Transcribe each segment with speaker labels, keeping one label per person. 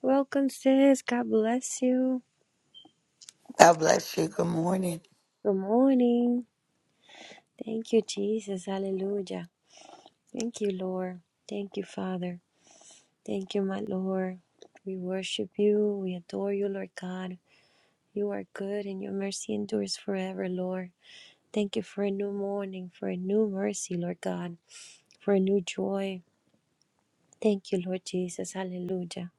Speaker 1: Welcome, sis. God bless you.
Speaker 2: God bless you. Good morning.
Speaker 1: Good morning. Thank you, Jesus. Hallelujah. Thank you, Lord. Thank you, Father. Thank you, my Lord. We worship you. We adore you, Lord God. You are good and your mercy endures forever, Lord. Thank you for a new morning, for a new mercy, Lord God, for a new joy. Thank you, Lord Jesus. Hallelujah.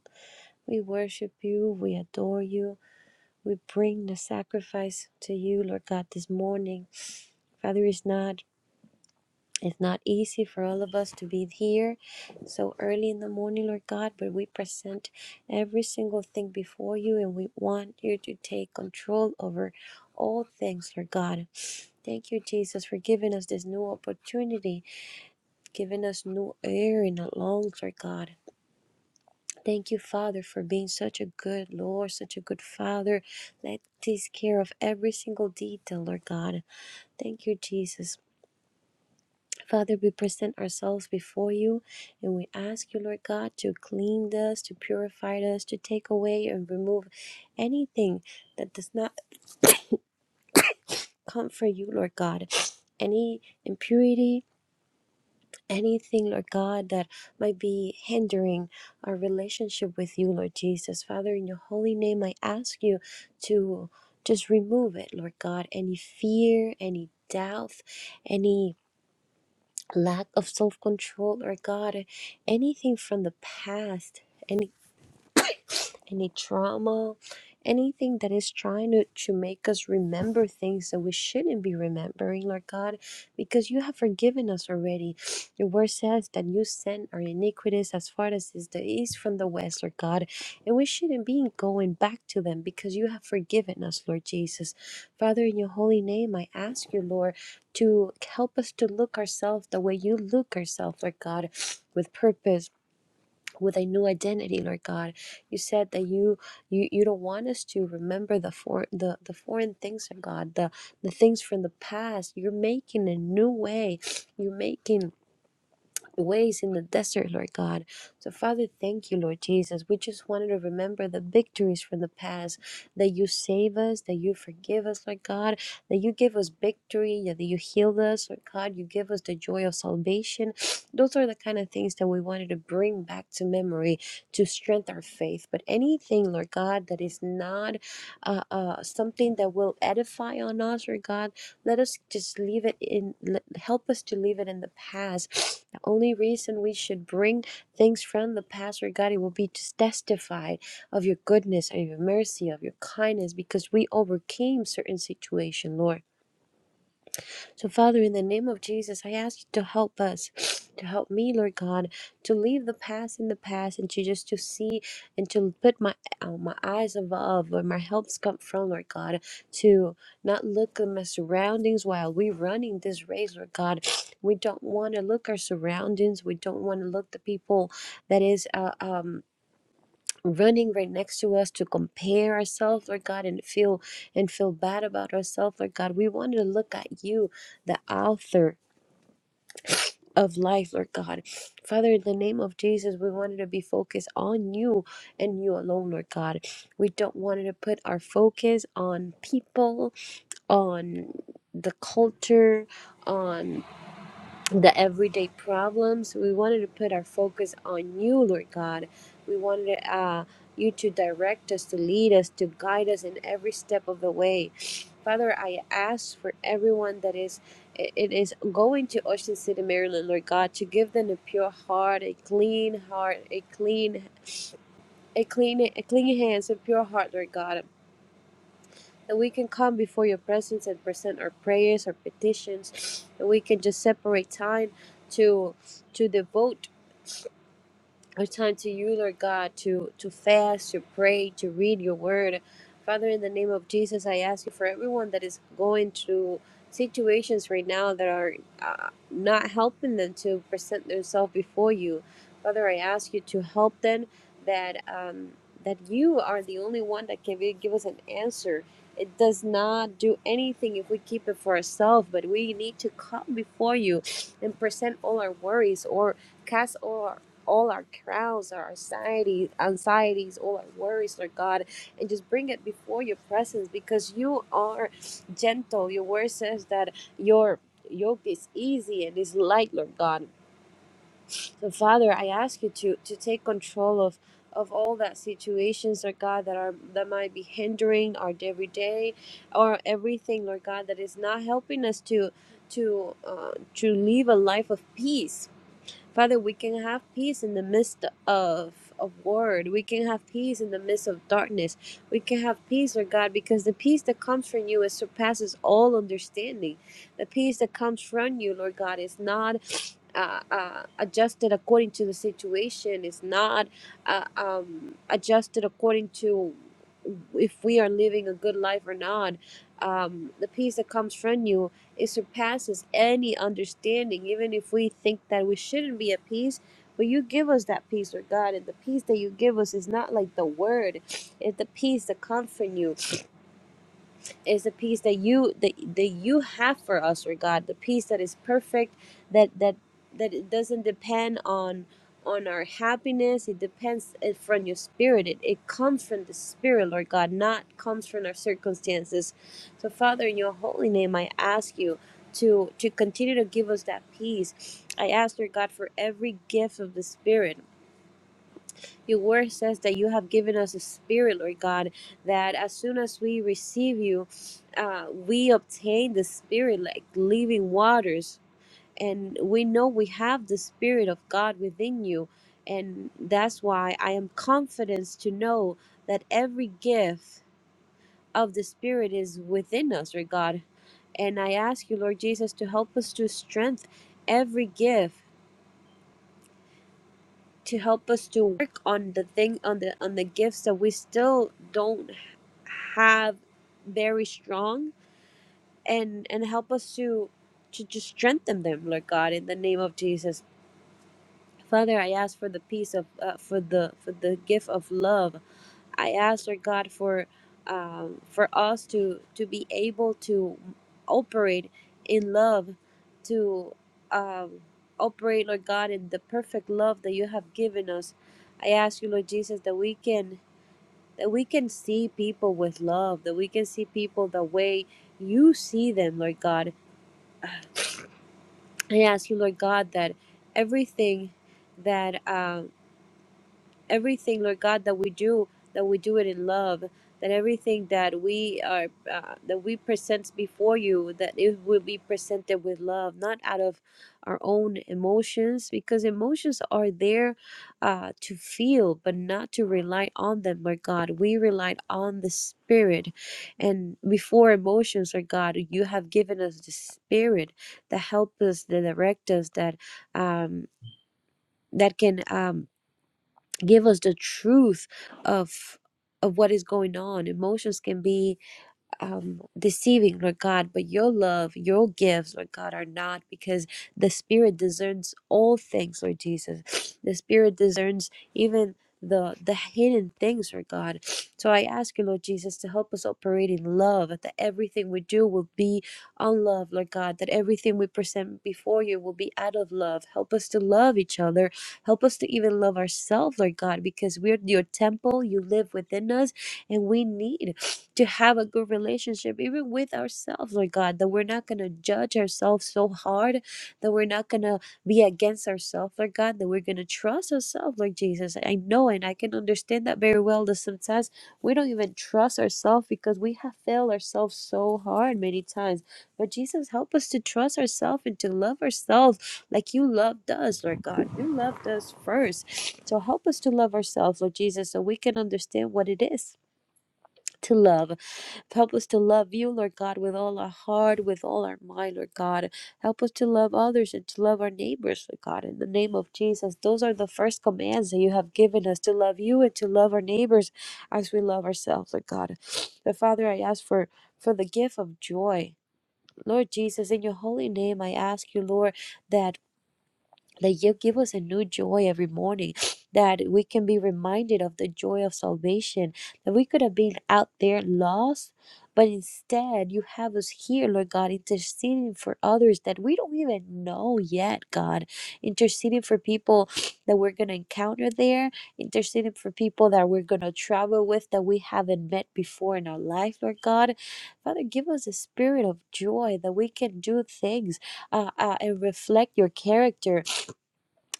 Speaker 1: We worship you. We adore you. We bring the sacrifice to you, Lord God, this morning. Father, it's not It's not easy for all of us to be here so early in the morning, Lord God, but we present every single thing before you and we want you to take control over all things, Lord God. Thank you, Jesus, for giving us this new opportunity, giving us new air in our lungs, Lord God. Thank you, Father, for being such a good Lord, such a good Father that takes care of every single detail, Lord God. Thank you, Jesus. Father, we present ourselves before you and we ask you, Lord God, to clean us, to purify us, to take away and remove anything that does not come for you, Lord God. Any impurity, anything, Lord God, that might be hindering our relationship with you, Lord Jesus. Father, in your holy name, I ask you to just remove it, Lord God. Any fear, any doubt, any lack of self control or God, anything from the past any trauma, anything that is trying to, to make us remember things that we shouldn't be remembering, Lord God, because you have forgiven us already. Your word says that you send our iniquities as far as is the east from the west, Lord God, and we shouldn't be going back to them because you have forgiven us, Lord Jesus. Father, in your holy name, I ask you, Lord, to help us to look ourselves the way you look ourselves, Lord God, with purpose with a new identity, Lord God. You said that you you you don't want us to remember the for the the foreign things of God, the the things from the past. You're making a new way. You're making ways in the desert, Lord God. So, Father, thank you, Lord Jesus. We just wanted to remember the victories from the past that you save us, that you forgive us, Lord God, that you give us victory, yeah, that you heal us, Lord God, you give us the joy of salvation. Those are the kind of things that we wanted to bring back to memory to strengthen our faith. But anything, Lord God, that is not uh, uh, something that will edify on us, Lord God, let us just leave it in, help us to leave it in the past. The only reason we should bring things from the past regarding will be to testify of your goodness and your mercy, of your kindness, because we overcame certain situation, Lord. So, Father, in the name of Jesus, I ask you to help us, to help me, Lord God, to leave the past in the past and to just to see and to put my uh, my eyes above where my helps come from, Lord God, to not look at my surroundings while we're running this race, Lord God. We don't want to look our surroundings. We don't want to look the people that is. Uh, um, running right next to us to compare ourselves, Lord God, and feel and feel bad about ourselves, Lord God. We wanted to look at you, the author of life, Lord God. Father, in the name of Jesus, we wanted to be focused on you and you alone, Lord God. We don't want to put our focus on people, on the culture, on the everyday problems. We wanted to put our focus on you, Lord God. We wanted uh, you to direct us, to lead us, to guide us in every step of the way. Father, I ask for everyone that is it is going to Ocean City, Maryland, Lord God, to give them a pure heart, a clean heart, a clean a clean a clean hands, a pure heart, Lord God and we can come before your presence and present our prayers, our petitions, and we can just separate time to to devote it's time to you, Lord God, to, to fast, to pray, to read your word. Father, in the name of Jesus, I ask you for everyone that is going through situations right now that are uh, not helping them to present themselves before you. Father, I ask you to help them that um, that you are the only one that can be, give us an answer. It does not do anything if we keep it for ourselves, but we need to come before you and present all our worries or cast all all our crowns, our anxieties, anxieties, all our worries, Lord God, and just bring it before your presence because you are gentle. Your word says that your yoke is easy and is light, Lord God. So Father, I ask you to to take control of of all that situations, Lord God, that are that might be hindering our everyday or everything, Lord God, that is not helping us to to uh, to live a life of peace Father, we can have peace in the midst of of war. We can have peace in the midst of darkness. We can have peace, Lord God, because the peace that comes from you it surpasses all understanding. The peace that comes from you, Lord God, is not uh, uh, adjusted according to the situation. It's not uh, um, adjusted according to if we are living a good life or not. Um, the peace that comes from you it surpasses any understanding, even if we think that we shouldn't be at peace. But you give us that peace, Lord God, and the peace that you give us is not like the word. It's the peace that comforts you is the peace that you that, that you have for us, Lord God. The peace that is perfect, that that that it doesn't depend on on our happiness. It depends uh, from your spirit. It, it comes from the spirit, Lord God, not comes from our circumstances. So Father, in your holy name, I ask you to to continue to give us that peace. I ask, Lord God, for every gift of the Spirit your word says that you have given us a spirit, Lord God, that as soon as we receive you, uh, we obtain the spirit like living waters. And we know we have the spirit of God within you. And that's why I am confident to know that every gift of the spirit is within us, Lord God. And I ask you, Lord Jesus, to help us to strengthen every gift to help us to work on the thing on the on the gifts that we still don't have very strong and and help us to to just strengthen them lord god in the name of jesus father i ask for the peace of uh, for the for the gift of love i ask lord god for um for us to to be able to operate in love to um operate lord god in the perfect love that you have given us i ask you lord jesus that we can that we can see people with love, that we can see people the way you see them, Lord God. I ask you, Lord God, that everything that um everything, Lord God, that we do, that we do it in love, that everything that we are, uh, that we present before you, that it will be presented with love, not out of our own emotions, because emotions are there uh, to feel, but not to rely on them, Lord God. We rely on the Spirit. And before emotions, Lord God, you have given us the Spirit that help us, that direct us, that um, that can. Um, give us the truth of of what is going on emotions can be um, deceiving, Lord God, but your love, your gifts, Lord God, are not because the Spirit discerns all things, Lord Jesus. The Spirit discerns even the the hidden things, Lord God. So I ask you, Lord Jesus, to help us operate in love, that everything we do will be on love, Lord God, that everything we present before you will be out of love. Help us to love each other. Help us to even love ourselves, Lord God, because we're your temple. You live within us, and we need to have a good relationship, even with ourselves, Lord God, that we're not going to judge ourselves so hard, that we're not going to be against ourselves, Lord God, that we're going to trust ourselves, Lord Jesus. I know and I can understand that very well that sometimes we don't even trust ourselves because we have failed ourselves so hard many times. But Jesus, help us to trust ourselves and to love ourselves like you loved us, Lord God. You loved us first. So help us to love ourselves, Lord Jesus, so we can understand what it is to love. Help us to love you, Lord God, with all our heart, with all our mind, Lord God. Help us to love others and to love our neighbors, Lord God. In the name of Jesus, those are the first commands that you have given us to love you and to love our neighbors as we love ourselves, Lord God. But Father, I ask for for the gift of joy. Lord Jesus, in your holy name, I ask you, Lord, that that you give us a new joy every morning, that we can be reminded of the joy of salvation, that we could have been out there lost, but instead you have us here, Lord God, interceding for others that we don't even know yet, God, interceding for people that we're going to encounter there, interceding for people that we're going to travel with that we haven't met before in our life, Lord God. Father, give us a spirit of joy that we can do things uh, uh, and reflect your character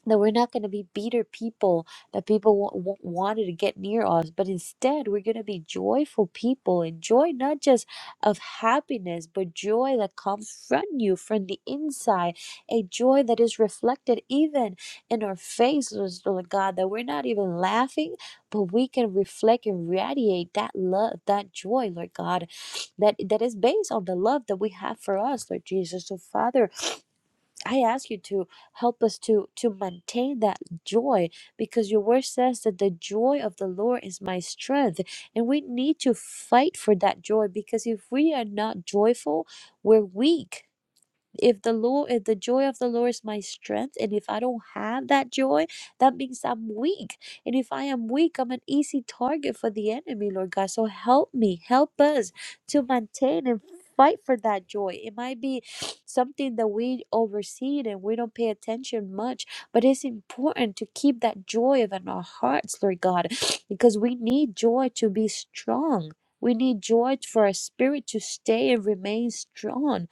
Speaker 1: that we're not going to be bitter people that people w- w- wanted to get near us but instead we're going to be joyful people and joy not just of happiness but joy that comes from you from the inside a joy that is reflected even in our faces lord god that we're not even laughing but we can reflect and radiate that love that joy lord god that that is based on the love that we have for us lord jesus so father I ask you to help us to to maintain that joy because your word says that the joy of the Lord is my strength and we need to fight for that joy because if we are not joyful we're weak if the lord if the joy of the lord is my strength and if i don't have that joy that means i'm weak and if i am weak i'm an easy target for the enemy lord god so help me help us to maintain and fight for that joy it might be something that we oversee and we don't pay attention much but it's important to keep that joy in our hearts lord god because we need joy to be strong we need joy for our spirit to stay and remain strong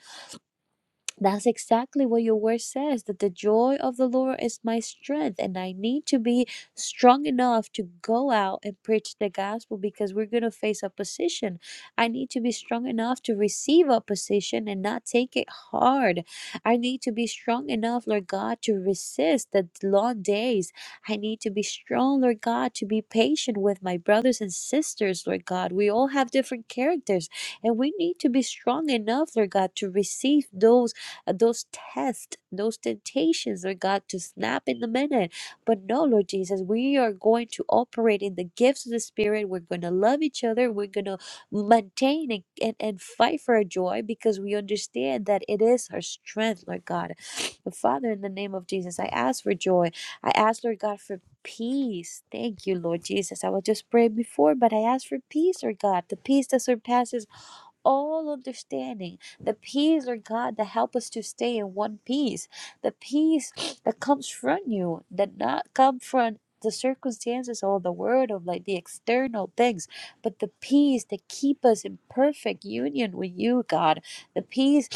Speaker 1: that's exactly what your word says that the joy of the Lord is my strength, and I need to be strong enough to go out and preach the gospel because we're going to face opposition. I need to be strong enough to receive opposition and not take it hard. I need to be strong enough, Lord God, to resist the long days. I need to be strong, Lord God, to be patient with my brothers and sisters, Lord God. We all have different characters, and we need to be strong enough, Lord God, to receive those uh, those tests, those temptations, Lord God, to snap in the minute. But no, Lord Jesus, we are going to operate in the gifts of the Spirit. We're going to love each other. We're going to maintain and, and, and fight for our joy because we understand that it is our strength, Lord God. Father, in the name of Jesus, I ask for joy. I ask, Lord God, for peace. Thank you, Lord Jesus. I was just praying before, but I ask for peace, Lord God, the peace that surpasses all understanding, the peace, Lord God, that help us to stay in one peace, the peace that comes from you, that not come from the circumstances or the world of like the external things, but the peace that keep us in perfect union with you, God, the peace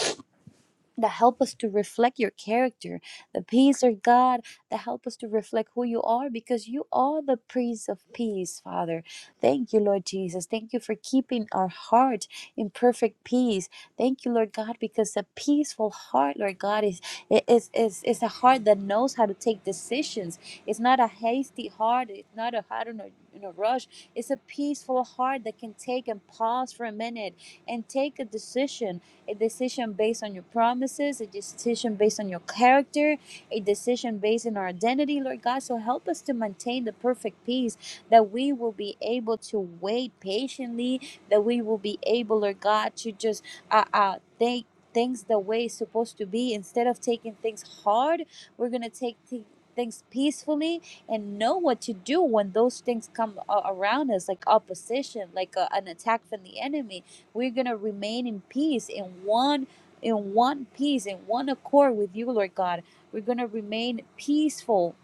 Speaker 1: that help us to reflect your character the peace of god that help us to reflect who you are because you are the prince of peace father thank you lord jesus thank you for keeping our heart in perfect peace thank you lord god because a peaceful heart lord god is is is, is a heart that knows how to take decisions it's not a hasty heart it's not a heart in a, in a rush it's a peaceful heart that can take and pause for a minute and take a decision a decision based on your promises, a decision based on your character, a decision based on our identity, Lord God. So help us to maintain the perfect peace that we will be able to wait patiently, that we will be able, Lord God, to just uh, uh, take things the way it's supposed to be. Instead of taking things hard, we're going to take thi- things peacefully and know what to do when those things come a- around us, like opposition, like a, an attack from the enemy we're gonna remain in peace in one in one peace, in one accord with you, Lord God. We're gonna remain peaceful.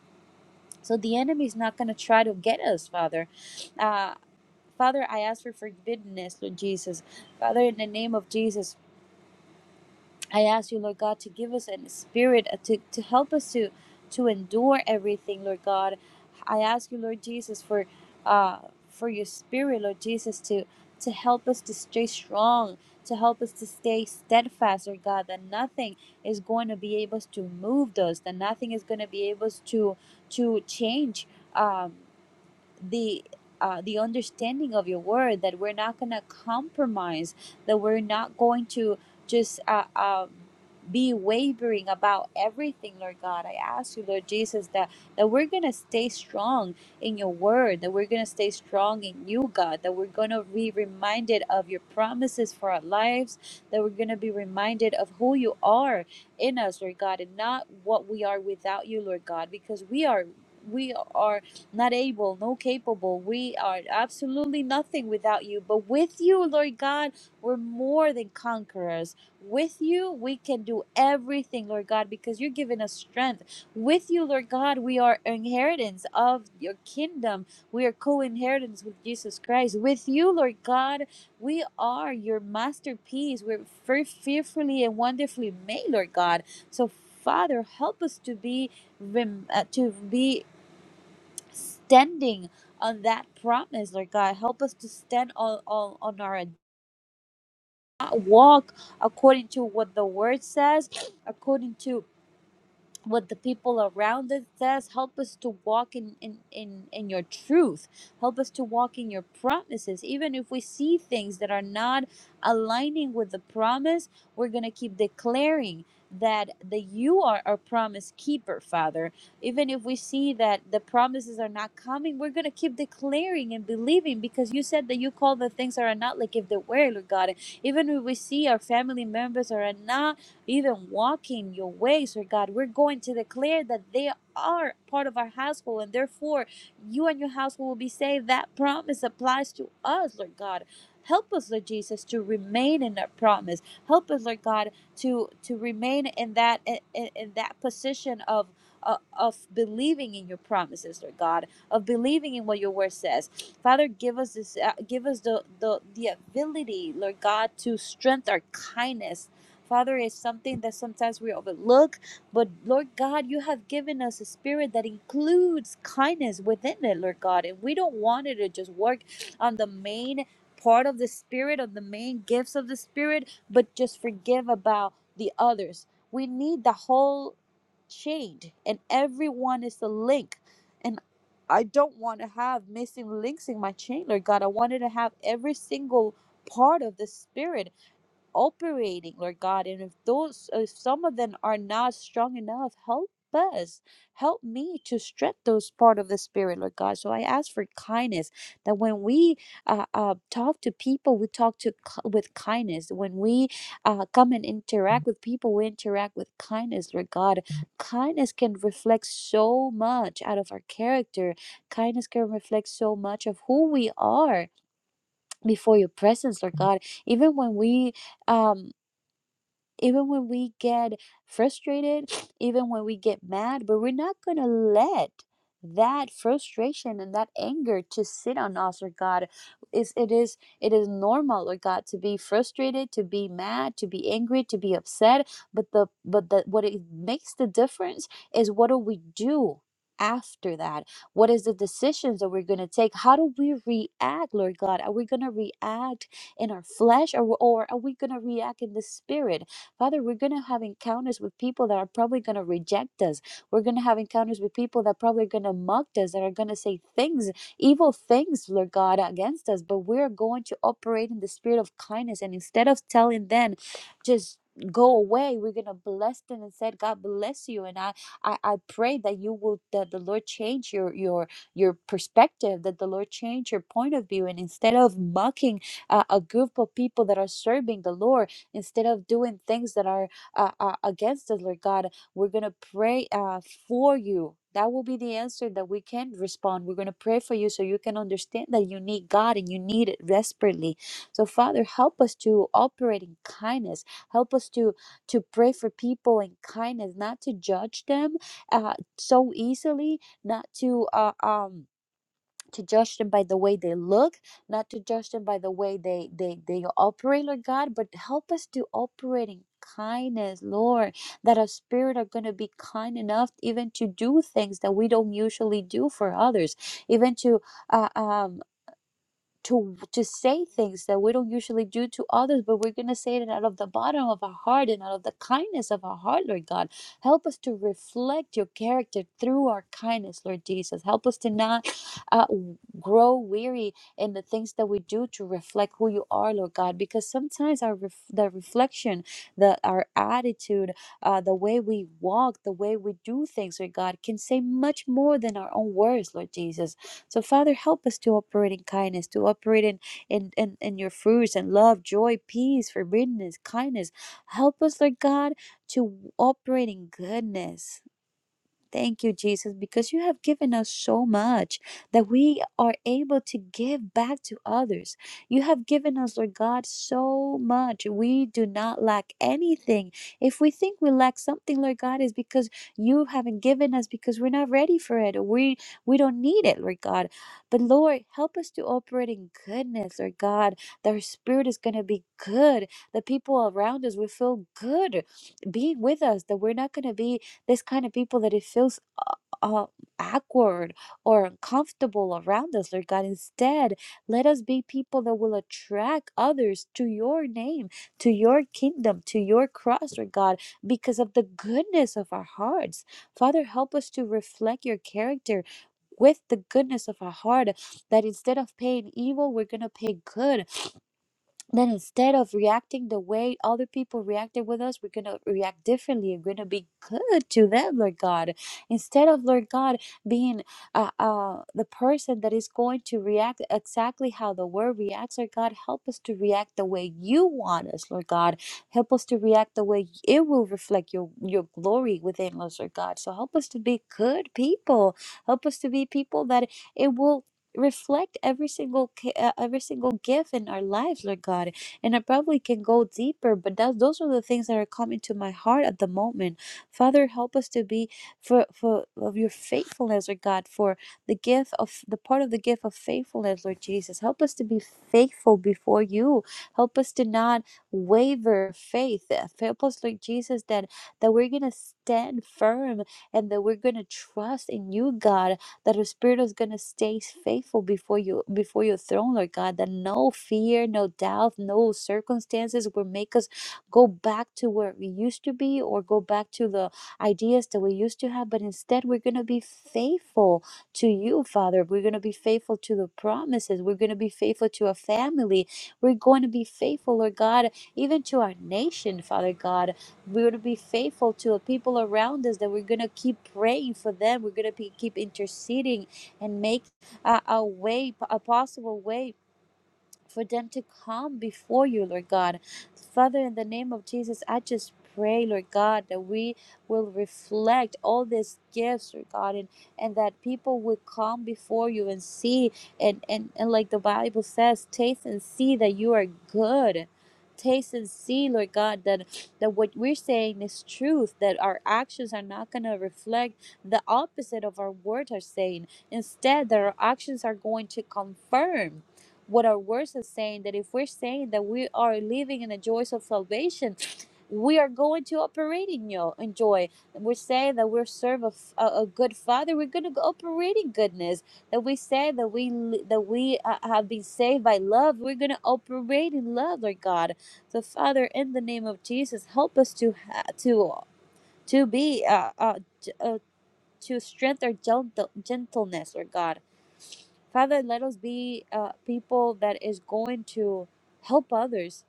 Speaker 1: So the enemy is not gonna try to get us, Father. Uh Father, I ask for forgiveness, Lord Jesus. Father, in the name of Jesus, I ask you, Lord God, to give us a spirit uh, to, to help us to to endure everything, Lord God. I ask you, Lord Jesus, for uh for your spirit, Lord Jesus, to to help us to stay strong, to help us to stay steadfast, Lord God, that nothing is going to be able to move us, that nothing is going to be able to to change. Um, the uh, the understanding of your word that we're not going to compromise that we're not going to just uh, um, be wavering about everything lord god i ask you lord jesus that that we're going to stay strong in your word that we're going to stay strong in you god that we're going to be reminded of your promises for our lives that we're going to be reminded of who you are in us lord god and not what we are without you lord god because we are we are not able, no capable. We are absolutely nothing without you. But with you, Lord God, we're more than conquerors. With you, we can do everything, Lord God, because you're giving us strength. With you, Lord God, we are inheritance of your kingdom. We are co inheritance with Jesus Christ. With you, Lord God, we are your masterpiece. We're fe- fearfully and wonderfully made, Lord God. So, Father, help us to be rem- uh, to be standing on that promise, Lord God. Help us to stand on, on, on our walk according to what the word says, according to what the people around us says help us to walk in, in in in your truth help us to walk in your promises even if we see things that are not aligning with the promise we're going to keep declaring that that you are our promise keeper father even if we see that the promises are not coming we're going to keep declaring and believing because you said that you call the things that are not like if they were lord god even if we see our family members are not even walking your ways, Lord God. We're going to declare that they are part of our household, and therefore you and your household will be saved. That promise applies to us, Lord God. Help us, Lord Jesus, to remain in that promise. Help us, Lord God, to to remain in that in, in that position of uh, of believing in your promises, Lord God, of believing in what your word says. Father, give us this, uh, give us the, the the ability, Lord God, to strengthen our kindness Father, is something that sometimes we overlook, but Lord God, you have given us a spirit that includes kindness within it, Lord God, and we don't want it to just work on the main part of the spirit, of the main gifts of the spirit, but just forgive about the others. We need the whole chain, and everyone is the link. And I don't want to have missing links in my chain, Lord God. I wanted to have every single part of the spirit operating, Lord God. And if those, if some of them are not strong enough, help us. Help me to stretch those part of the spirit, Lord God. So I ask for kindness that when we uh, uh, talk to people, we talk to ki- with kindness. When we uh, come and interact with people, we interact with kindness, Lord God. Kindness can reflect so much out of our character. Kindness can reflect so much of who we are before your presence, Lord God. Even when we um even when we get frustrated, even when we get mad, but we're not going to let that frustration and that anger to sit on us or god is it is it is normal or god to be frustrated to be mad to be angry to be upset but the but the what it makes the difference is what do we do after that what is the decisions that we're going to take how do we react lord god are we going to react in our flesh or, or are we going to react in the spirit Father, we're going to have encounters with people that are probably going to reject us. We're going to have encounters with people that probably are going to mock us, that are going to say things, evil things, Lord God, against us. But we're going to operate in the spirit of kindness. And instead of telling them, just go away we're gonna bless them and said god bless you and i i, I pray that you will that the lord change your your your perspective that the lord change your point of view and instead of mocking uh, a group of people that are serving the lord Instead of doing things that are uh, uh, against us, Lord God, we're going to pray uh, for you. That will be the answer that we can respond. We're going to pray for you so you can understand that you need God and you need it desperately. So, Father, help us to operate in kindness. Help us to to pray for people in kindness, not to judge them uh, so easily, not to uh, um to judge them by the way they look not to judge them by the way they they they operate lord god but help us to operate in kindness lord that our spirit are going to be kind enough even to do things that we don't usually do for others even to uh, um to to say things that we don't usually do to others, but we're gonna say it out of the bottom of our heart and out of the kindness of our heart, Lord God. Help us to reflect your character through our kindness, Lord Jesus. Help us to not uh, grow weary in the things that we do to reflect who you are, Lord God, because sometimes our ref- the reflection, the our attitude, uh, the way we walk, the way we do things, Lord God, can say much more than our own words, Lord Jesus. So, Father, help us to operate in kindness, to operate in, in, in, in your fruits and love, joy, peace, forgiveness, kindness. Help us, Lord God, to operate in goodness. Thank you, Jesus, because you have given us so much that we are able to give back to others. You have given us, Lord God, so much. We do not lack anything. If we think we lack something, Lord God, is because you haven't given us because we're not ready for it. We we don't need it, Lord God. But Lord, help us to operate in goodness, Lord God. That our spirit is gonna be good. The people around us will feel good being with us, that we're not gonna be this kind of people that it feels uh, awkward or uncomfortable around us, Lord God. Instead, let us be people that will attract others to your name, to your kingdom, to your cross, Lord God, because of the goodness of our hearts. Father, help us to reflect your character with the goodness of our heart that instead of paying evil, we're going to pay good then instead of reacting the way other people reacted with us, we're going to react differently. and We're going to be good to them, Lord God. Instead of, Lord God, being uh, uh, the person that is going to react exactly how the world reacts, Lord God, help us to react the way you want us, Lord God. Help us to react the way it will reflect your, your glory within us, Lord God. So help us to be good people. Help us to be people that it will reflect every single ca- uh, every single gift in our lives lord god and i probably can go deeper but that, those are the things that are coming to my heart at the moment father help us to be for for of your faithfulness lord god for the gift of the part of the gift of faithfulness lord jesus help us to be faithful before you help us to not waver faith help us lord jesus that that we're gonna stand firm and that we're gonna trust in you god that her spirit is going to stay faithful before you before your throne lord god that no fear no doubt no circumstances will make us go back to where we used to be or go back to the ideas that we used to have but instead we're going to be faithful to you father we're going to be faithful to the promises we're going to be faithful to our family we're going to be faithful lord god even to our nation father god we would be faithful to the people around us that we're going to keep praying for them we're going to be, keep interceding and make uh, a way a possible way for them to come before you, Lord God. Father, in the name of Jesus, I just pray, Lord God, that we will reflect all these gifts, Lord God, and, and that people will come before you and see, and, and, and like the Bible says, taste and see that you are good. Taste and see, Lord God, that, that what we're saying is truth, that our actions are not going to reflect the opposite of our words are saying. Instead, that our actions are going to confirm what our words are saying that if we're saying that we are living in the joys of salvation we are going to operate in yo- in joy we say that we serve a, f- a- a good father we're going to operate in goodness that we say that we li- that we uh, have been saved by love we're going to operate in love lord god so father in the name of jesus help us to ha- to to be uh, uh, j- uh to strengthen our gentle- gentleness lord god Father, let us be uh, people that is going to help others,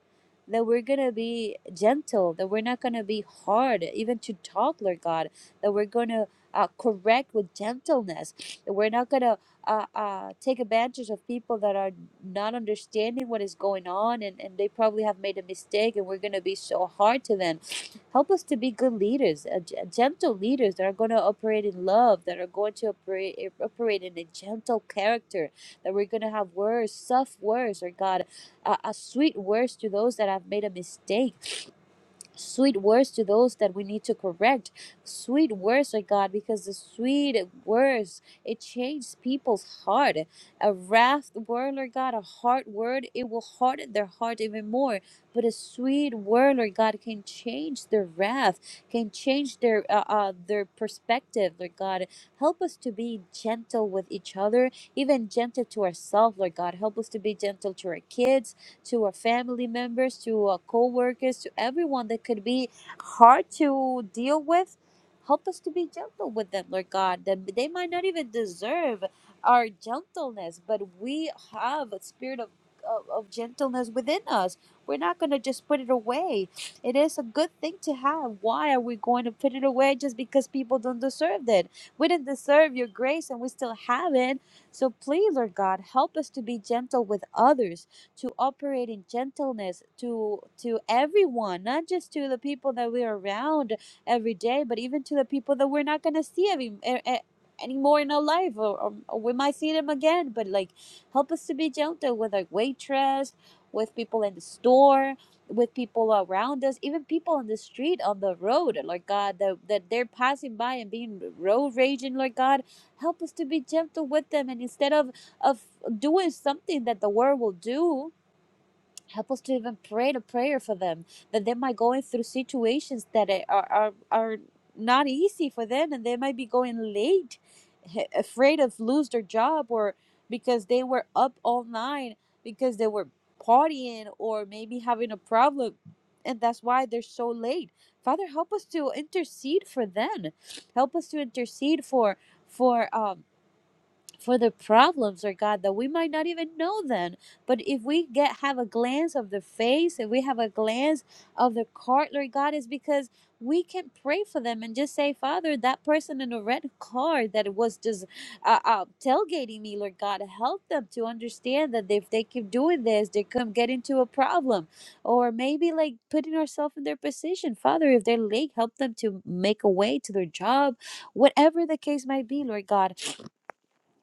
Speaker 1: that we're going to be gentle, that we're not going to be hard, even to talk, Lord God, that we're going to uh, correct with gentleness, that we're not going to uh, uh, take advantage of people that are not understanding what is going on and, and they probably have made a mistake and we're going to be so hard to them Help us to be good leaders, uh, g- gentle leaders that are going to operate in love, that are going to operate eh, operate in a gentle character, that we're going to have words, soft words, or God, uh, uh, sweet words to those that have made a mistake sweet words to those that we need to correct sweet words oh god because the sweet words it changes people's heart a wrath word lord god a hard word it will harden their heart even more but a sweet word lord god can change their wrath can change their uh, uh their perspective lord god help us to be gentle with each other even gentle to ourselves lord god help us to be gentle to our kids to our family members, to our co-workers, to everyone that could be hard to deal with. Help us to be gentle with them, Lord God. That they might not even deserve our gentleness, but we have a spirit of of, of gentleness within us. We're not going to just put it away. It is a good thing to have. Why are we going to put it away just because people don't deserve it? We didn't deserve your grace and we still have it. So please, Lord God, help us to be gentle with others to operate in gentleness to to everyone, not just to the people that we're around every day, but even to the people that we're not gonna see every e- e- anymore in our life, or, or, or we might see them again. But like, help us to be gentle with our waitress, with people in the store, with people around us, even people on the street, on the road, Lord God, that, that they're passing by and being road raging, Lord God. Help us to be gentle with them. And instead of of doing something that the world will do. Help us to even pray the prayer for them that they might going through situations that are are, are not easy for them, and they might be going late, h- afraid of lose their job or because they were up all night because they were partying or maybe having a problem, and that's why they're so late. Father, help us to intercede for them. Help us to intercede for for um for the problems, or God, that we might not even know then. But if we get have a glance of the face, if we have a glance of the cart, Lord God, is because we can pray for them and just say, Father, that person in the red car that was just uh, uh, tailgating me, Lord God, help them to understand that if they keep doing this, they could get into a problem. Or maybe like putting ourselves in their position. Father, if they're late, help them to make a way to their job, whatever the case might be, Lord God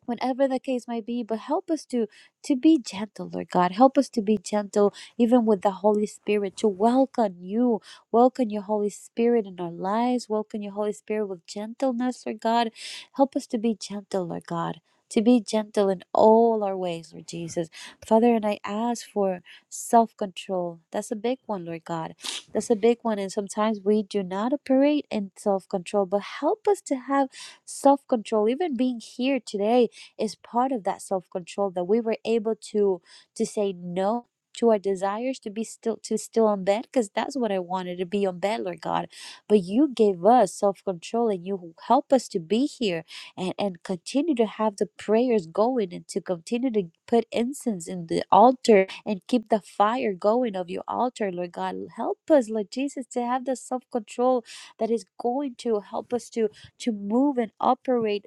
Speaker 1: whatever the case may be but help us to to be gentle lord god help us to be gentle even with the holy spirit to welcome you welcome your holy spirit in our lives welcome your holy spirit with gentleness lord god help us to be gentle lord god to be gentle in all our ways, Lord Jesus. Father, and I ask for self control. That's a big one, Lord God. That's a big one. And sometimes we do not operate in self control, but help us to have self control, even being here today is part of that self-control that we were able to to say no to our desires to be still to still on bed because that's what i wanted to be on bed lord god but you gave us self-control and you help us to be here and and continue to have the prayers going and to continue to put incense in the altar and keep the fire going of your altar lord god help us lord jesus to have the self-control that is going to help us to to move and operate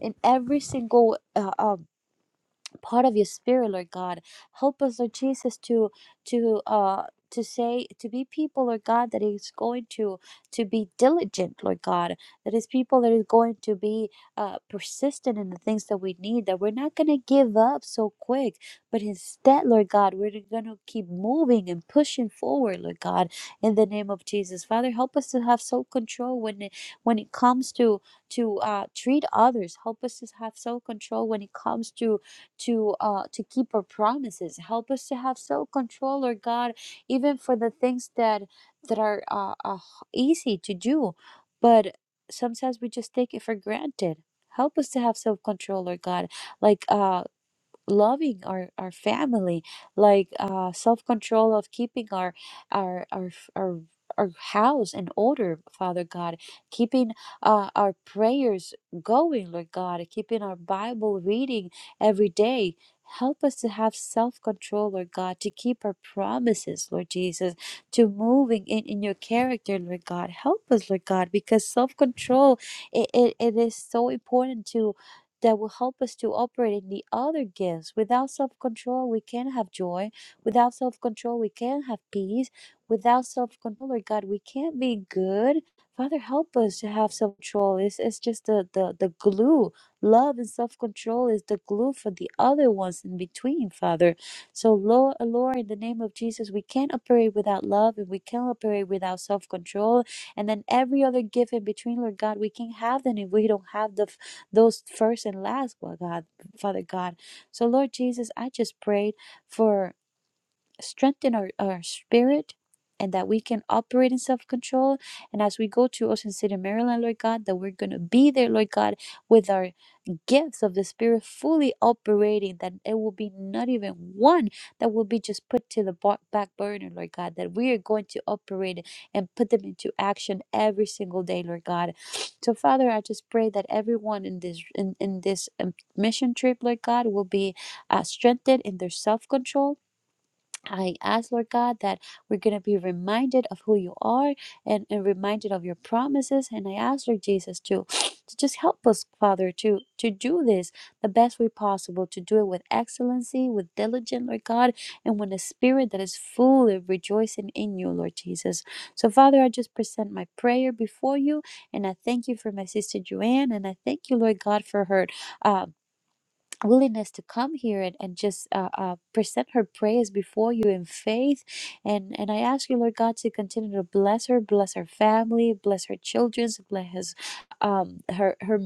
Speaker 1: in every single uh, um, part of your spirit lord god help us lord jesus to to uh to say to be people lord god that is going to to be diligent lord god that is people that is going to be uh persistent in the things that we need that we're not going to give up so quick but instead lord god we're going to keep moving and pushing forward lord god in the name of jesus father help us to have self-control when it when it comes to to uh treat others help us to have self-control when it comes to to uh to keep our promises help us to have self-control lord god even for the things that that are uh, uh easy to do but sometimes we just take it for granted help us to have self-control lord god like uh loving our our family like uh self-control of keeping our our our f- our our house in order, Father God, keeping uh, our prayers going, Lord God, keeping our Bible reading every day. Help us to have self control, Lord God, to keep our promises, Lord Jesus, to moving in, in your character, Lord God. Help us, Lord God, because self control it, it, it is so important to that will help us to operate in the other gifts. Without self control, we can't have joy. Without self control, we can't have peace. Without self control, Lord God, we can't be good. Father, help us to have self control. It's, it's just the, the, the glue. Love and self control is the glue for the other ones in between, Father. So, Lord, Lord, in the name of Jesus, we can't operate without love and we can't operate without self control. And then every other gift in between, Lord God, we can't have them if we don't have the those first and last, well, God, Father God. So, Lord Jesus, I just prayed for strengthen our, our spirit and that we can operate in self control. And as we go to Ocean City, Maryland, Lord God, that we're going to be there, Lord God, with our gifts of the Spirit fully operating, that it will be not even one that will be just put to the ba- back burner, Lord God, that we are going to operate it and put them into action every single day, Lord God. So, Father, I just pray that everyone in this in, in this um, mission trip, Lord God, will be uh, strengthened in their self control I ask, Lord God, that we're going to be reminded of who you are and, and reminded of your promises. And I ask, Lord Jesus, to, to just help us, Father, to, to do this the best way possible, to do it with excellency, with diligence, Lord God, and with a spirit that is full of rejoicing in you, Lord Jesus. So, Father, I just present my prayer before you, and I thank you for my sister Joanne, and I thank you, Lord God, for her. Um, willingness to come here and, and just uh, uh, present her praise before you in faith and and i ask you lord god to continue to bless her bless her family bless her children bless um her her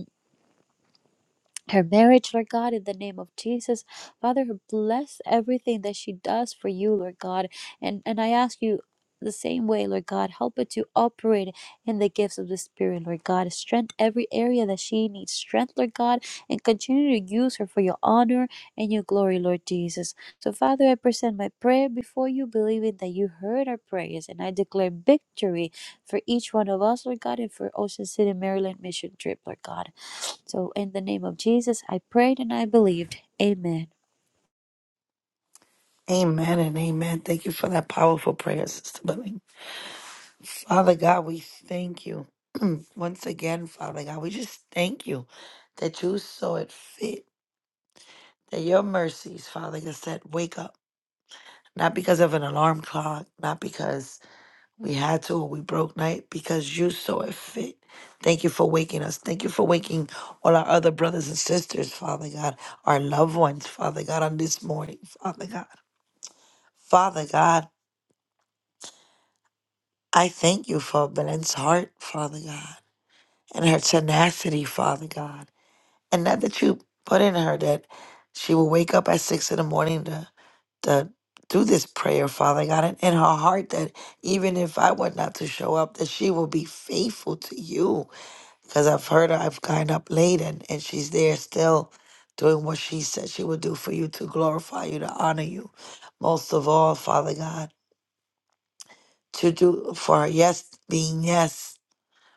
Speaker 1: her marriage, Lord God, in the name of Jesus. Father, bless everything that she does for you, Lord God. And and I ask you the same way, Lord God, help her to operate in the gifts of the Spirit, Lord God. Strength every area that she needs strength, Lord God, and continue to use her for your honor and your glory, Lord Jesus. So, Father, I present my prayer before you, believing that you heard our prayers, and I declare victory for each one of us, Lord God, and for Ocean City, Maryland mission trip, Lord God. So, in the name of Jesus, I prayed and I believed. Amen.
Speaker 2: Amen and amen. Thank you for that powerful prayer, Sister Billy. Father God, we thank you. Once again, Father God, we just thank you that you saw it fit, that your mercies, Father God, said, wake up. Not because of an alarm clock, not because we had to or we broke night, because you saw it fit. Thank you for waking us. Thank you for waking all our other brothers and sisters, Father God, our loved ones, Father God, on this morning, Father God. Father God, I thank you for Belen's heart, Father God, and her tenacity, Father God. And not that you put in her that she will wake up at six in the morning to, to do this prayer, Father God, and in her heart that even if I were not to show up, that she will be faithful to you. Because I've heard her, I've gotten up late and, and she's there still doing what she said she would do for you to glorify you, to honor you. Most of all, Father God, to do for her yes being yes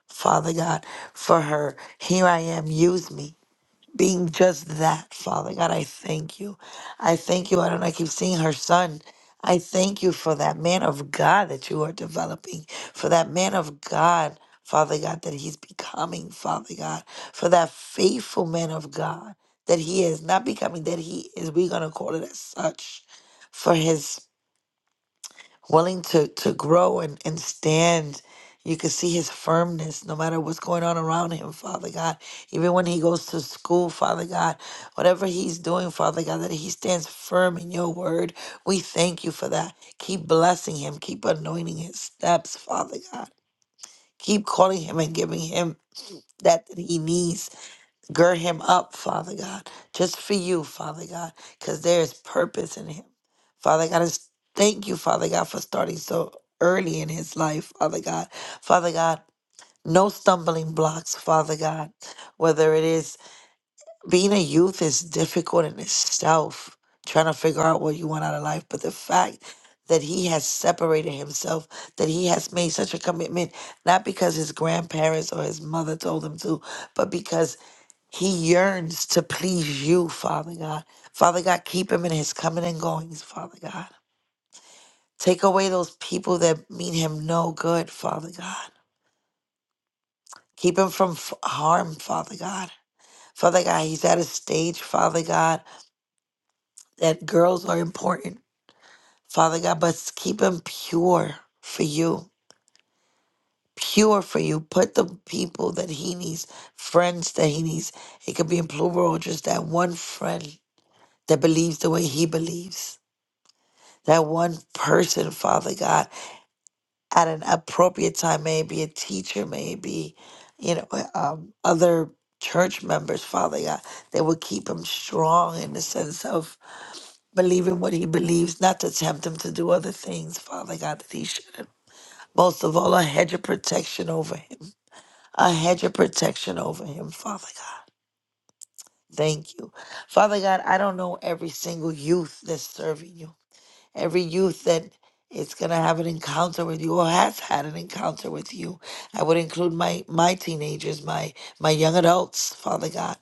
Speaker 2: Father God, for her. Here I am, use me. Being just that, Father God, I thank you. I thank you. I don't know, I keep seeing her son. I thank you for that man of God that you are developing, for that man of God, Father God, that he's becoming, Father God, for that faithful man of God that he is, not becoming, that he is. We're going to call it as such for his willing to to grow and and stand you can see his firmness no matter what's going on around him father god even when he goes to school father god whatever he's doing father god that he stands firm in your word we thank you for that keep blessing him keep anointing his steps father god keep calling him and giving him that that he needs Gird him up, Father God, just for you, Father God, because there is purpose in him. Father God, I s- thank you, Father God, for starting so early in his life, Father God. Father God, no stumbling blocks, Father God. Whether it is being a youth is difficult in itself, trying to figure out what you want out of life, but the fact that he has separated himself, that he has made such a commitment, not because his grandparents or his mother told him to, but because he yearns to please you, Father God. Father God, keep him in his coming and goings, Father God. Take away those people that mean him no good, Father God. Keep him from f- harm, Father God. Father God, he's at a stage, Father God, that girls are important, Father God, but s- keep him pure for you. Pure for you. Put the people that he needs, friends that he needs. It could be in plural, just that one friend that believes the way he believes that one person, Father God, at an appropriate time, may it be a teacher, may it be, you know, um, other church members, Father God, that will keep him strong in the sense of believing what he believes, not to tempt him to do other things, Father God, that he shouldn't. Most of all, a hedge of protection over him, a hedge of protection over him, Father God. Thank you. Father God, I don't know every single youth that's serving you. every youth that is going to have an encounter with you or has had an encounter with you i would include my my teenagers my my young adults father god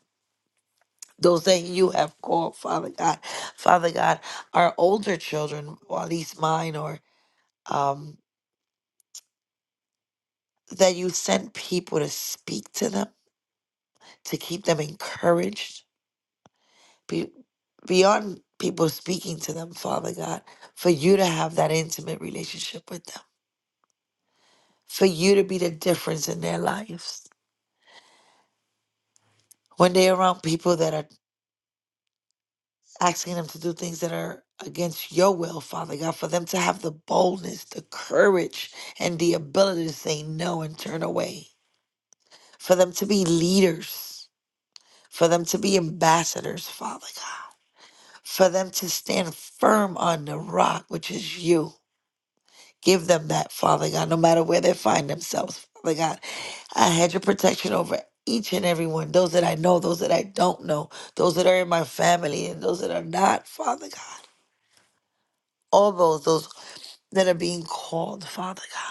Speaker 2: those that you have called father god father god our older children or at least mine or um that you sent people to speak to them to keep them encouraged be, beyond people speaking to them father god for you to have that intimate relationship with them for you to be the difference in their lives when they're around people that are asking them to do things that are against your will, Father God, for them to have the boldness, the courage, and the ability to say no and turn away, for them to be leaders, for them to be ambassadors, Father God, for them to stand firm on the rock, which is you. Give them that, Father God, no matter where they find themselves, Father God. I had your protection over each and every one, those that I know, those that I don't know, those that are in my family, and those that are not, Father God. all those those that are being called, Father God,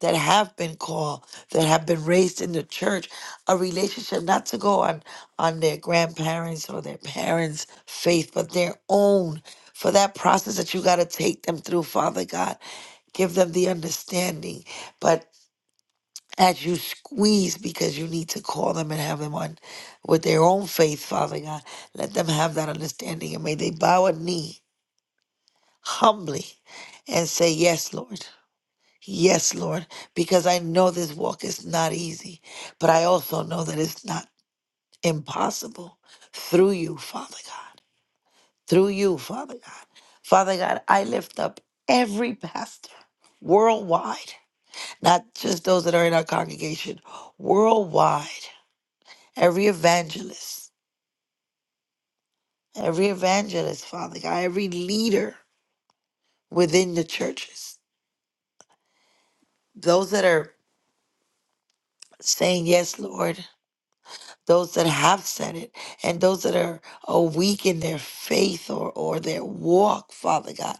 Speaker 2: that have been called, that have been raised in the church, a relationship not to go on on their grandparents or their parents' faith, but their own. For that process that you got to take them through, Father God, give them the understanding. But as you squeeze, because you need to call them and have them on with their own faith, Father God, let them have that understanding. And may they bow a knee humbly and say, Yes, Lord. Yes, Lord, because I know this walk is not easy, but I also know that it's not impossible through you, Father God. Through you, Father God. Father God, I lift up every pastor worldwide, not just those that are in our congregation, worldwide, every evangelist, every evangelist, Father God, every leader within the churches, those that are saying, Yes, Lord. those that have said it and those that are, are weak in their faith or, or their walk, Father God.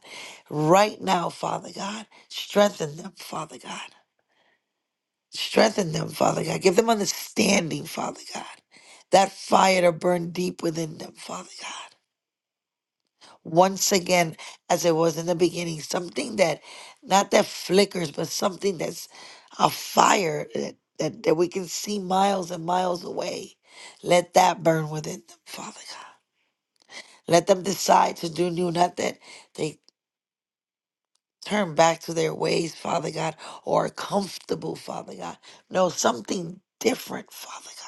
Speaker 2: Right now, Father God, strengthen them, Father God. Strengthen them, Father God. Give them understanding, Father God. That fire to burn deep within them, Father God once again as it was in the beginning something that not that flickers but something that's a fire that, that, that we can see miles and miles away let that burn within them father god let them decide to do new not that they turn back to their ways father god or are comfortable father god no something different father god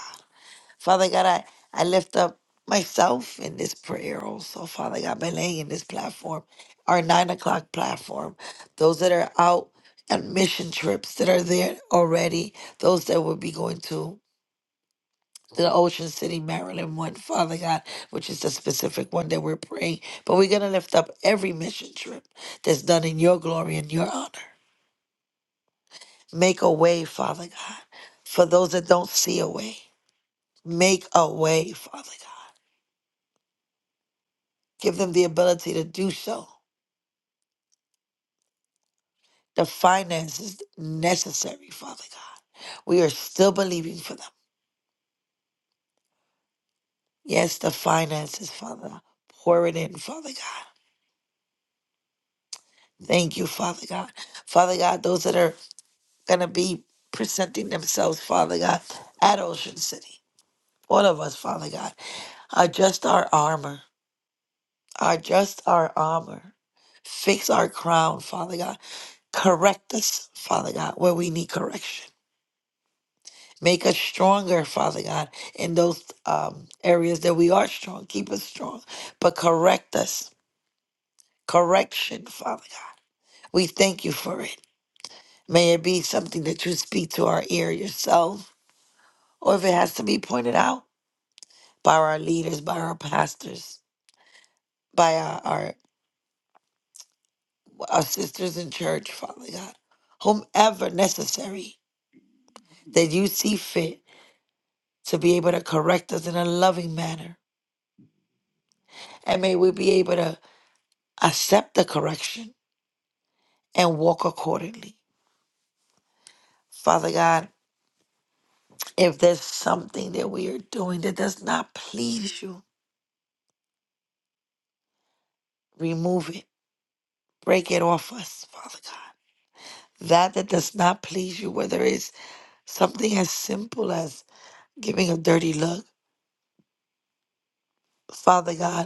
Speaker 2: Father God, I, I lift up myself in this prayer also, Father God, Belay in this platform, our nine o'clock platform, those that are out on mission trips that are there already, those that will be going to the Ocean City, Maryland one, Father God, which is the specific one that we're praying. But we're going to lift up every mission trip that's done in your glory and your honor. Make a way, Father God, for those that don't see a way. Make a way, Father God. Give them the ability to do so, the finances necessary, Father God. We are still believing for them. Yes, the finances, Father. Pour it in, Father God. Thank you, Father God. Father God, those that are going to be presenting themselves, Father God, at Ocean City, all of us, Father God, adjust our armor, adjust our armor, fix our crown, Father God, correct us, Father God, where we need correction Make us stronger, Father God, in those um, areas that we are strong. Keep us strong, but correct us. Correction, Father God. We thank you for it. May it be something that you speak to our ear yourself, or if it has to be pointed out by our leaders, by our pastors, by our, our, our sisters in church, Father God, whomever necessary that you see fit to be able to correct us in a loving manner. And may we be able to accept the correction and walk accordingly. Father God, if there's something that we are doing that does not please you, remove it, break it off us, Father God. That that does not please you, whether it's something as simple as giving a dirty look, Father God,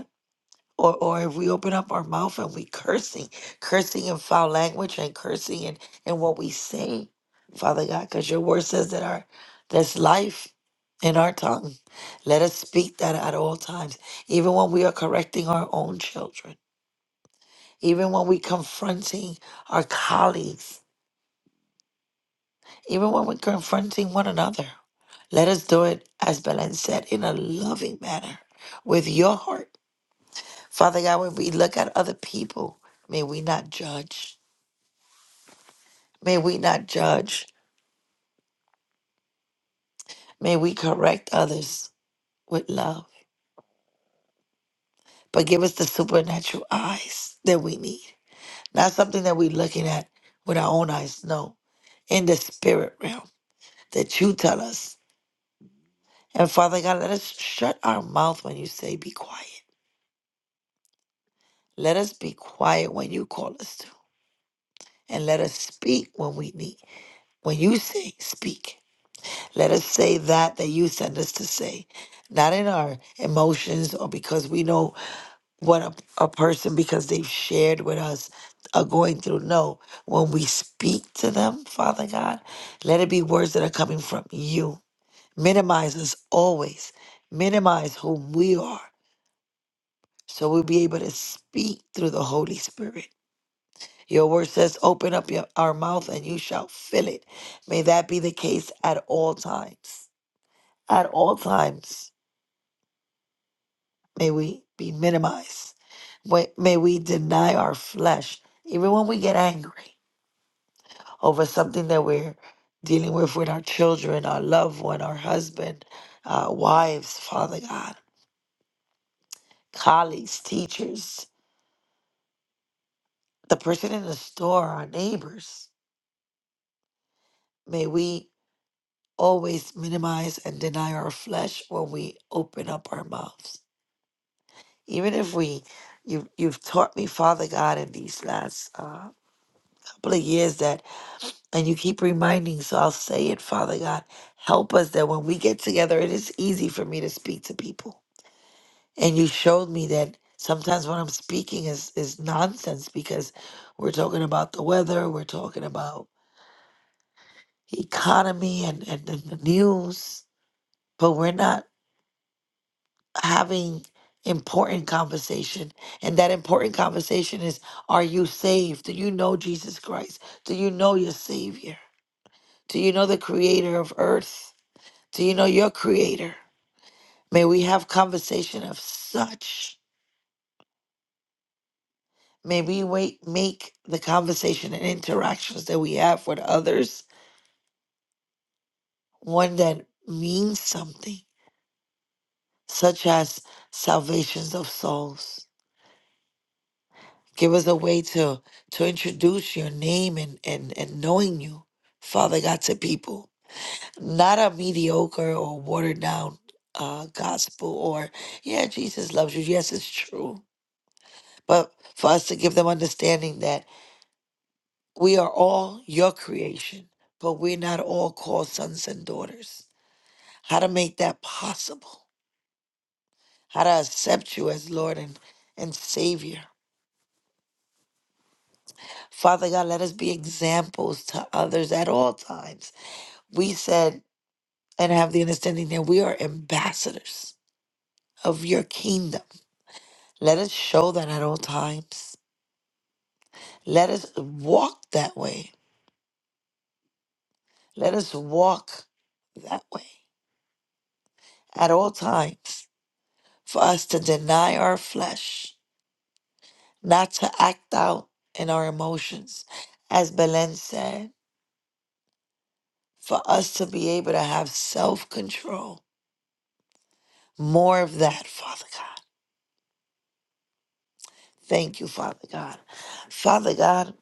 Speaker 2: or or if we open up our mouth and we cursing, cursing in foul language and cursing in, in what we say, Father God, because your word says that our there's life in our tongue. Let us speak that at all times, even when we are correcting our own children, even when we confronting our colleagues, even when we're confronting one another. Let us do it, as Belen said, in a loving manner, with your heart. Father God, when we look at other people, may we not judge. May we not judge. May we correct others with love. But give us the supernatural eyes that we need. Not something that we're looking at with our own eyes. No, in the spirit realm that you tell us. And Father God, let us shut our mouth when you say be quiet. Let us be quiet when you call us to. And let us speak when we need. When you say speak, let us say that that you send us to say. Not in our emotions or because we know what a, a person because they've shared with us are going through. No, when we speak to them, Father God, let it be words that are coming from you. Minimize us always. Minimize who we are so we'll be able to speak through the Holy Spirit. Your word says, open up your, our mouth and you shall fill it. May that be the case at all times. At all times. May we be minimized. May may we deny our flesh, even when we get angry over something that we're dealing with with our children, our loved one, our husband, uh, wives, Father God, colleagues, teachers, the person in the store, our neighbors. May we always minimize and deny our flesh when we open up our mouths. Even if we, you, you've taught me, Father God, in these last uh, couple of years that And you keep reminding, so I'll say it, Father God. Help us that when we get together, it is easy for me to speak to people. And you showed me that sometimes what I'm speaking is, is nonsense because we're talking about the weather, we're talking about economy and, and, and the news, but we're not having important conversation. And that important conversation is are you saved? Do you know Jesus Christ? Do you know your Savior? Do you know the creator of earth? Do you know your creator? May we have conversation of such. May we wait, make the conversation and interactions that we have with others one that means something, such as salvations of souls. Give us a way to to introduce your name and, and, and knowing you, Father God, to people. Not a mediocre or watered down uh, gospel or, yeah, Jesus loves you. Yes, it's true but for us to give them understanding that We are all your creation, but we're not all called sons and daughters. How to make that possible? How to accept you as Lord and, and Savior. Father God, let us be examples to others at all times. We said and have the understanding that we are ambassadors of your kingdom. Let us show that at all times. Let us walk that way. Let us walk that way at all times for us to deny our flesh not to act out in our emotions. As Belen said, for us to be able to have self control. More of that, Father God. Thank you, Father God. Father God,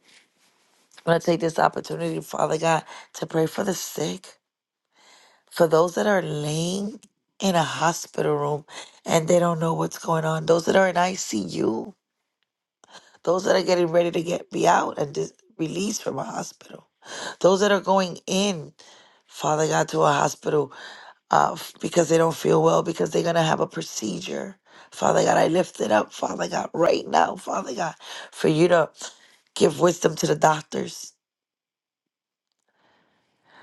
Speaker 2: I want to take this opportunity, Father God, to pray for the sick, for those that are laying in a hospital room and they don't know what's going on, those that are in ICU, those that are getting ready to get be out and dis- released from a hospital, those that are going in Father God, to a hospital uh, f- because they don't feel well, because they're going to have a procedure. Father God, I lift it up, Father God, right now, Father God, for you to give wisdom to the doctors,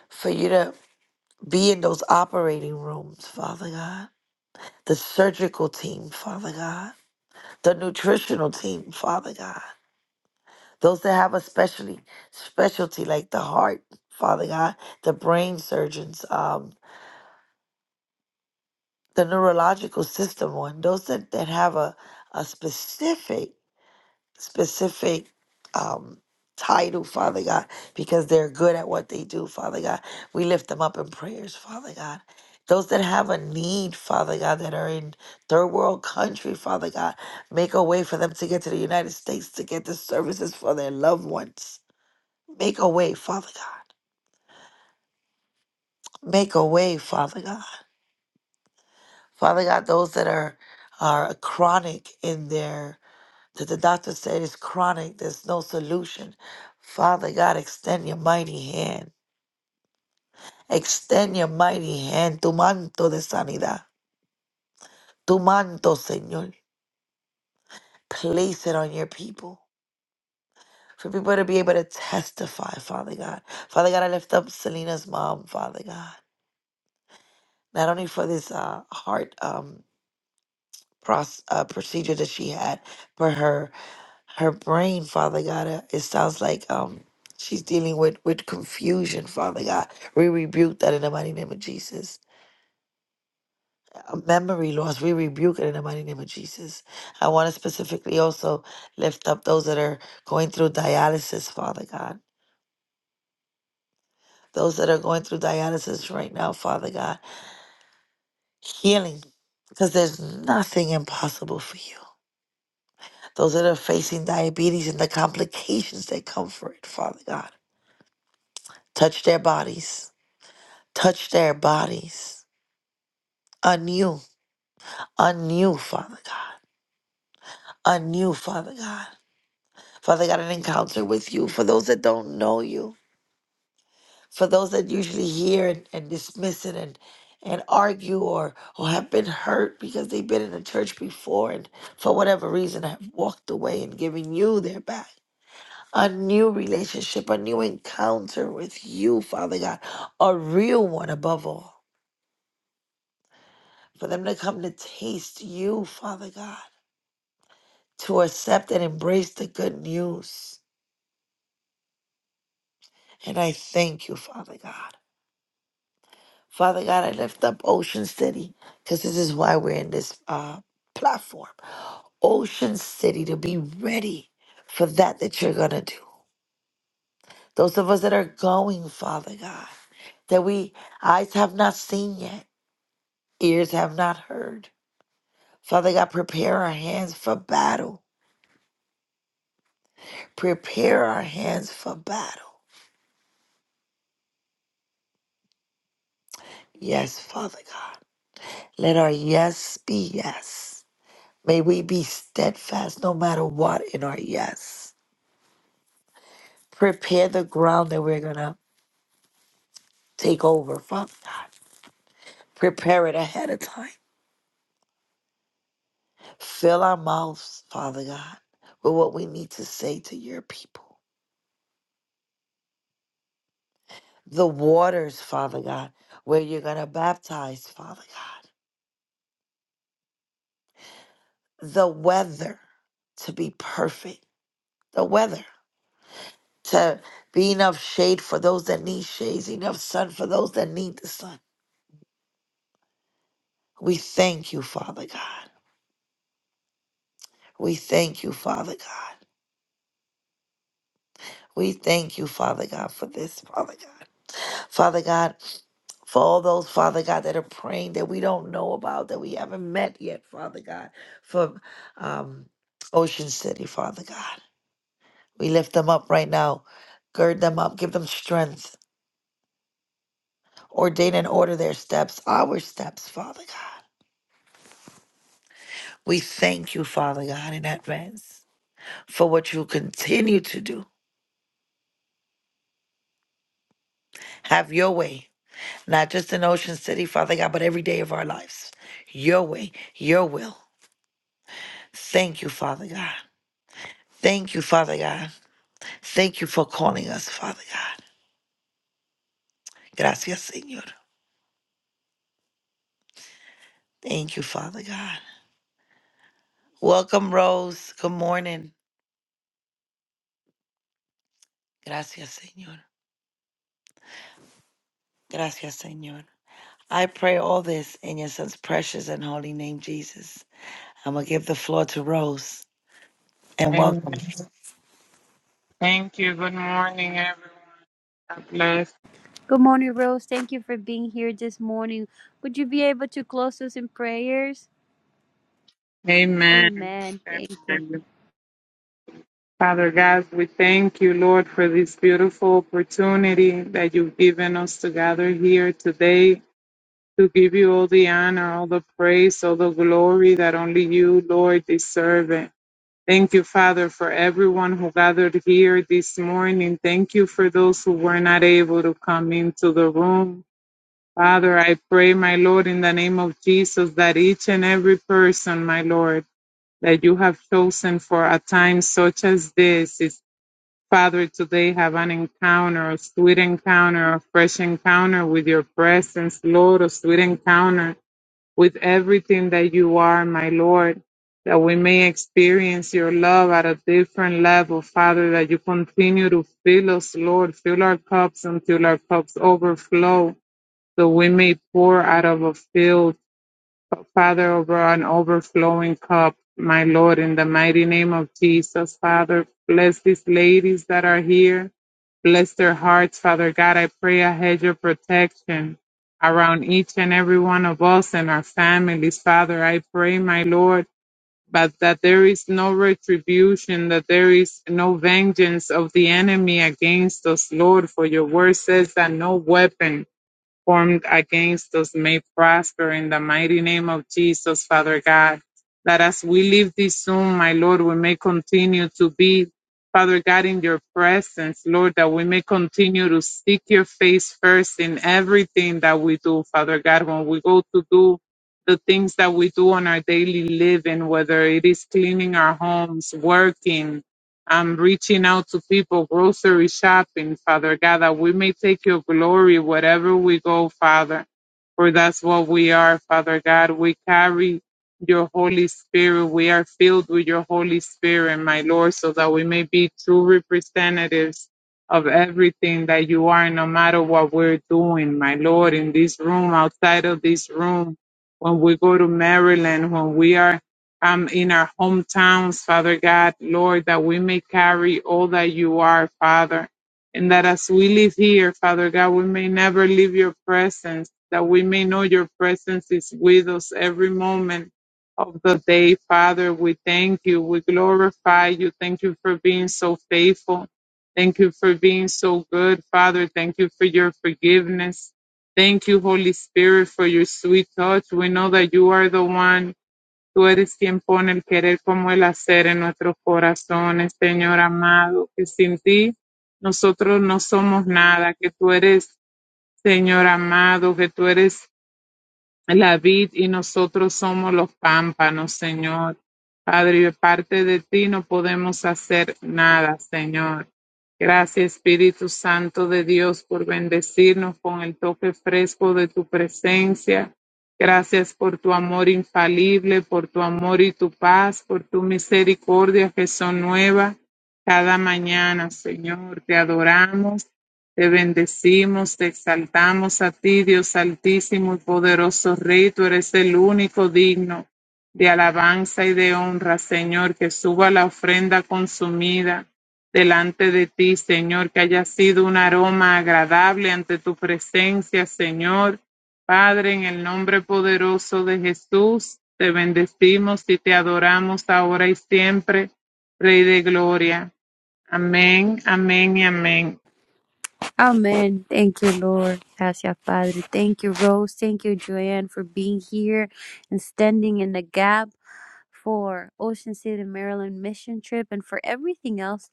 Speaker 2: for you to be in those operating rooms, Father God, the surgical team, Father God, the nutritional team, Father God, those that have a specialty, specialty like the heart, Father God, the brain surgeons, um, the neurological system one, those that, that have a, a specific, specific um, title, Father God, because they're good at what they do, Father God. We lift them up in prayers, Father God. Those that have a need, Father God, that are in third world country, Father God, make a way for them to get to the United States to get the services for their loved ones. Make a way, Father God. Make a way, Father God. Father God, those that are are chronic in their that the doctor said is chronic, there's no solution. Father God, extend your mighty hand. Extend your mighty hand, tu manto de sanidad, tu manto, Señor. Place it on your people. For people to be able to testify, Father God. Father God, I lift up Selena's mom, Father God. Not only for this uh, heart. um, pros- uh, procedure that she had for her her brain, Father God. uh, It sounds like um she's dealing with with confusion, Father God. We rebuke that in the mighty name of Jesus. Uh, Memory loss, we rebuke it in the mighty name of Jesus. I want to specifically also lift up those that are going through dialysis, Father God. Those that are going through dialysis right now, Father God. Healing, because there's nothing impossible for you. those that are facing diabetes and the complications that come for it, Father God. Touch their bodies. Touch their bodies. Anew. Anew, Father God. Anew, Father God. Father God, an encounter with you for those that don't know you, for those that usually hear and, and dismiss it and and argue or or have been hurt because they've been in the church before and for whatever reason have walked away and given you their back. a new relationship, a new encounter with you, Father God, a real one above all. For them to come to taste you, Father God, to accept and embrace the good news. And I thank you, Father God. Father God, I lift up Ocean City because this is why we're in this uh, platform. Ocean City to be ready for that that you're going to do. Those of us that are going, Father God, that we eyes have not seen yet, ears have not heard Father God, prepare our hands for battle. Prepare our hands for battle. Yes, Father God. Let our yes be yes. May we be steadfast no matter what in our yes. Prepare the ground that we're going to take over, Father God. Prepare it ahead of time. Fill our mouths, Father God, with what we need to say to your people. The waters, Father God, where you're going to baptize, Father God. the weather to be perfect, the weather to be enough shade for those that need shades, enough sun for those that need the sun. We thank you, Father God. We thank you, Father God. We thank you, Father God, for this, Father God. Father God, for all those, Father God, that are praying that we don't know about, that we haven't met yet, Father God, from um, Ocean City, Father God. We lift them up right now. Gird them up. Give them strength. Ordain and order their steps, our steps, Father God. We thank you, Father God, in advance for what you continue to do. Have your way, not just in Ocean City, Father God, but every day of our lives. Your way, your will. Thank you, Father God. Thank you, Father God. Thank you for calling us, Father God. Gracias, Señor. Thank you, Father God. Welcome, Rose. Good morning. Gracias, Señor. Gracias, Señor. I pray all this in your son's precious and holy name, Jesus. I'm going to give the floor to Rose and
Speaker 3: Amen.
Speaker 2: welcome.
Speaker 3: Thank you. Good morning, everyone. God bless.
Speaker 1: Good morning, Rose. Thank you for being here this morning. Would you be able to close us in prayers?
Speaker 3: Amen.
Speaker 1: Amen. Thank you.
Speaker 3: Father God, we thank you, Lord, for this beautiful opportunity that you've given us to gather here today to give you all the honor, all the praise, all the glory that only you, Lord, deserve it. Thank you, Father, for everyone who gathered here this morning. Thank you for those who were not able to come into the room. Father, I pray, my Lord, in the name of Jesus, that each and every person, my Lord, that you have chosen for a time such as this is, Father, today have an encounter, a sweet encounter, a fresh encounter with your presence, Lord, a sweet encounter with everything that you are, my Lord, that we may experience your love at a different level, Father, that you continue to fill us, Lord, fill our cups until our cups overflow. So we may pour out of a filled, Father, over an overflowing cup, my Lord, in the mighty name of Jesus, Father. Bless these ladies that are here. Bless their hearts, Father God. I pray a hedge of protection around each and every one of us and our families, Father. I pray, my Lord, but that there is no retribution, that there is no vengeance of the enemy against us, Lord, for your word says that no weapon formed against us may prosper in the mighty name of Jesus, Father God. That as we leave this room, my Lord, we may continue to be, Father God, in your presence, Lord, that we may continue to seek your face first in everything that we do, Father God, when we go to do the things that we do on our daily living, whether it is cleaning our homes, working, I'm reaching out to people, grocery shopping, Father God, that we may take your glory wherever we go, Father. For that's what we are, Father God. We carry your Holy Spirit. We are filled with your Holy Spirit, my Lord, so that we may be true representatives of everything that you are, no matter what we're doing, my Lord, in this room, outside of this room, when we go to Maryland, when we are um, in our hometowns, Father God, Lord, that we may carry all that you are, Father. And that as we live here, Father God, we may never leave your presence, that we may know your presence is with us every moment of the day, Father. We thank you. We glorify you. Thank you for being so faithful. Thank you for being so good, Father. Thank you for your forgiveness. Thank you, Holy Spirit, for your sweet touch. We know that you are the one Tú eres quien pone el querer como el hacer en nuestros corazones, Señor amado, que sin ti nosotros no somos nada, que tú eres, Señor amado, que tú eres la vid y nosotros somos los pámpanos, Señor. Padre, De parte de ti no podemos hacer nada, Señor. Gracias, Espíritu Santo de Dios, por bendecirnos con el toque fresco de tu presencia. Gracias por tu amor infalible, por tu amor y tu paz, por tu misericordia que son nuevas cada mañana, Señor. Te adoramos. Te bendecimos, te exaltamos a ti, Dios altísimo y poderoso Rey. Tú eres el único digno de alabanza y de honra, Señor, que suba la ofrenda consumida delante de ti, Señor, que haya sido un aroma agradable ante tu presencia, Señor. Padre, en el nombre poderoso de Jesús, te bendecimos y te adoramos ahora y siempre, Rey de Gloria. Amén, amén y amén.
Speaker 1: Amen. Thank you, Lord. Gracias, Padre. Thank you, Rose. Thank you, Joanne, for being here and standing in the gap. for Ocean City, Maryland mission trip, and for everything else.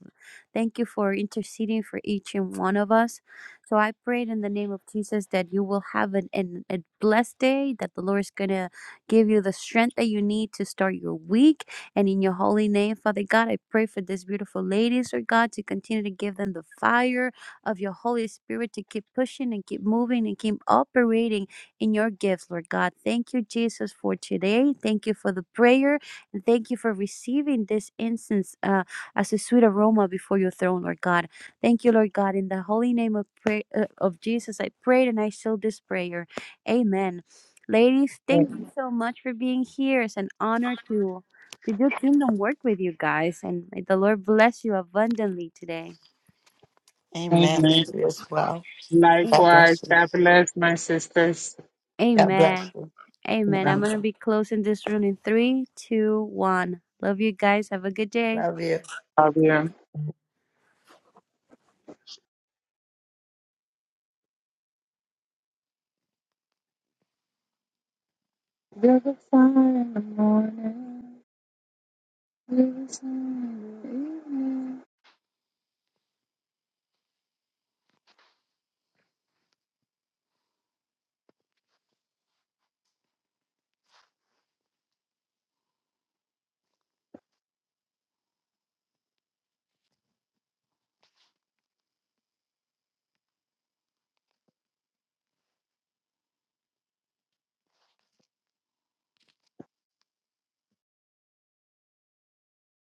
Speaker 1: Thank you for interceding for each and one of us. So I pray in the name of Jesus that you will have an, an, a blessed day, that the Lord is going to give you the strength that you need to start your week. And in your holy name, Father God, I pray for these beautiful ladies, Lord God, to continue to give them the fire of your Holy Spirit to keep pushing and keep moving and keep operating in your gifts, Lord God. Thank you, Jesus, for today. Thank you for the prayer. Thank you for receiving this incense uh, as a sweet aroma before your throne, Lord God. Thank you, Lord God. In the holy name of, pray- uh, of Jesus, I prayed and I seal this prayer. Amen. Ladies, thank you so much for being here. It's an honor to, to do kingdom work with you guys. And may the Lord bless you abundantly today.
Speaker 2: Amen.
Speaker 3: amen
Speaker 2: You As well.
Speaker 1: A-
Speaker 2: God
Speaker 3: Likewise,
Speaker 2: bless you.
Speaker 3: God bless my sisters.
Speaker 2: God bless
Speaker 1: Amen.
Speaker 2: you.
Speaker 1: Amen.
Speaker 3: Love
Speaker 1: I'm going to be closing this room in three, two, one. Love you guys. Have a good day.
Speaker 2: Love you.
Speaker 3: you. You're the fire in the morning. You're the sun in the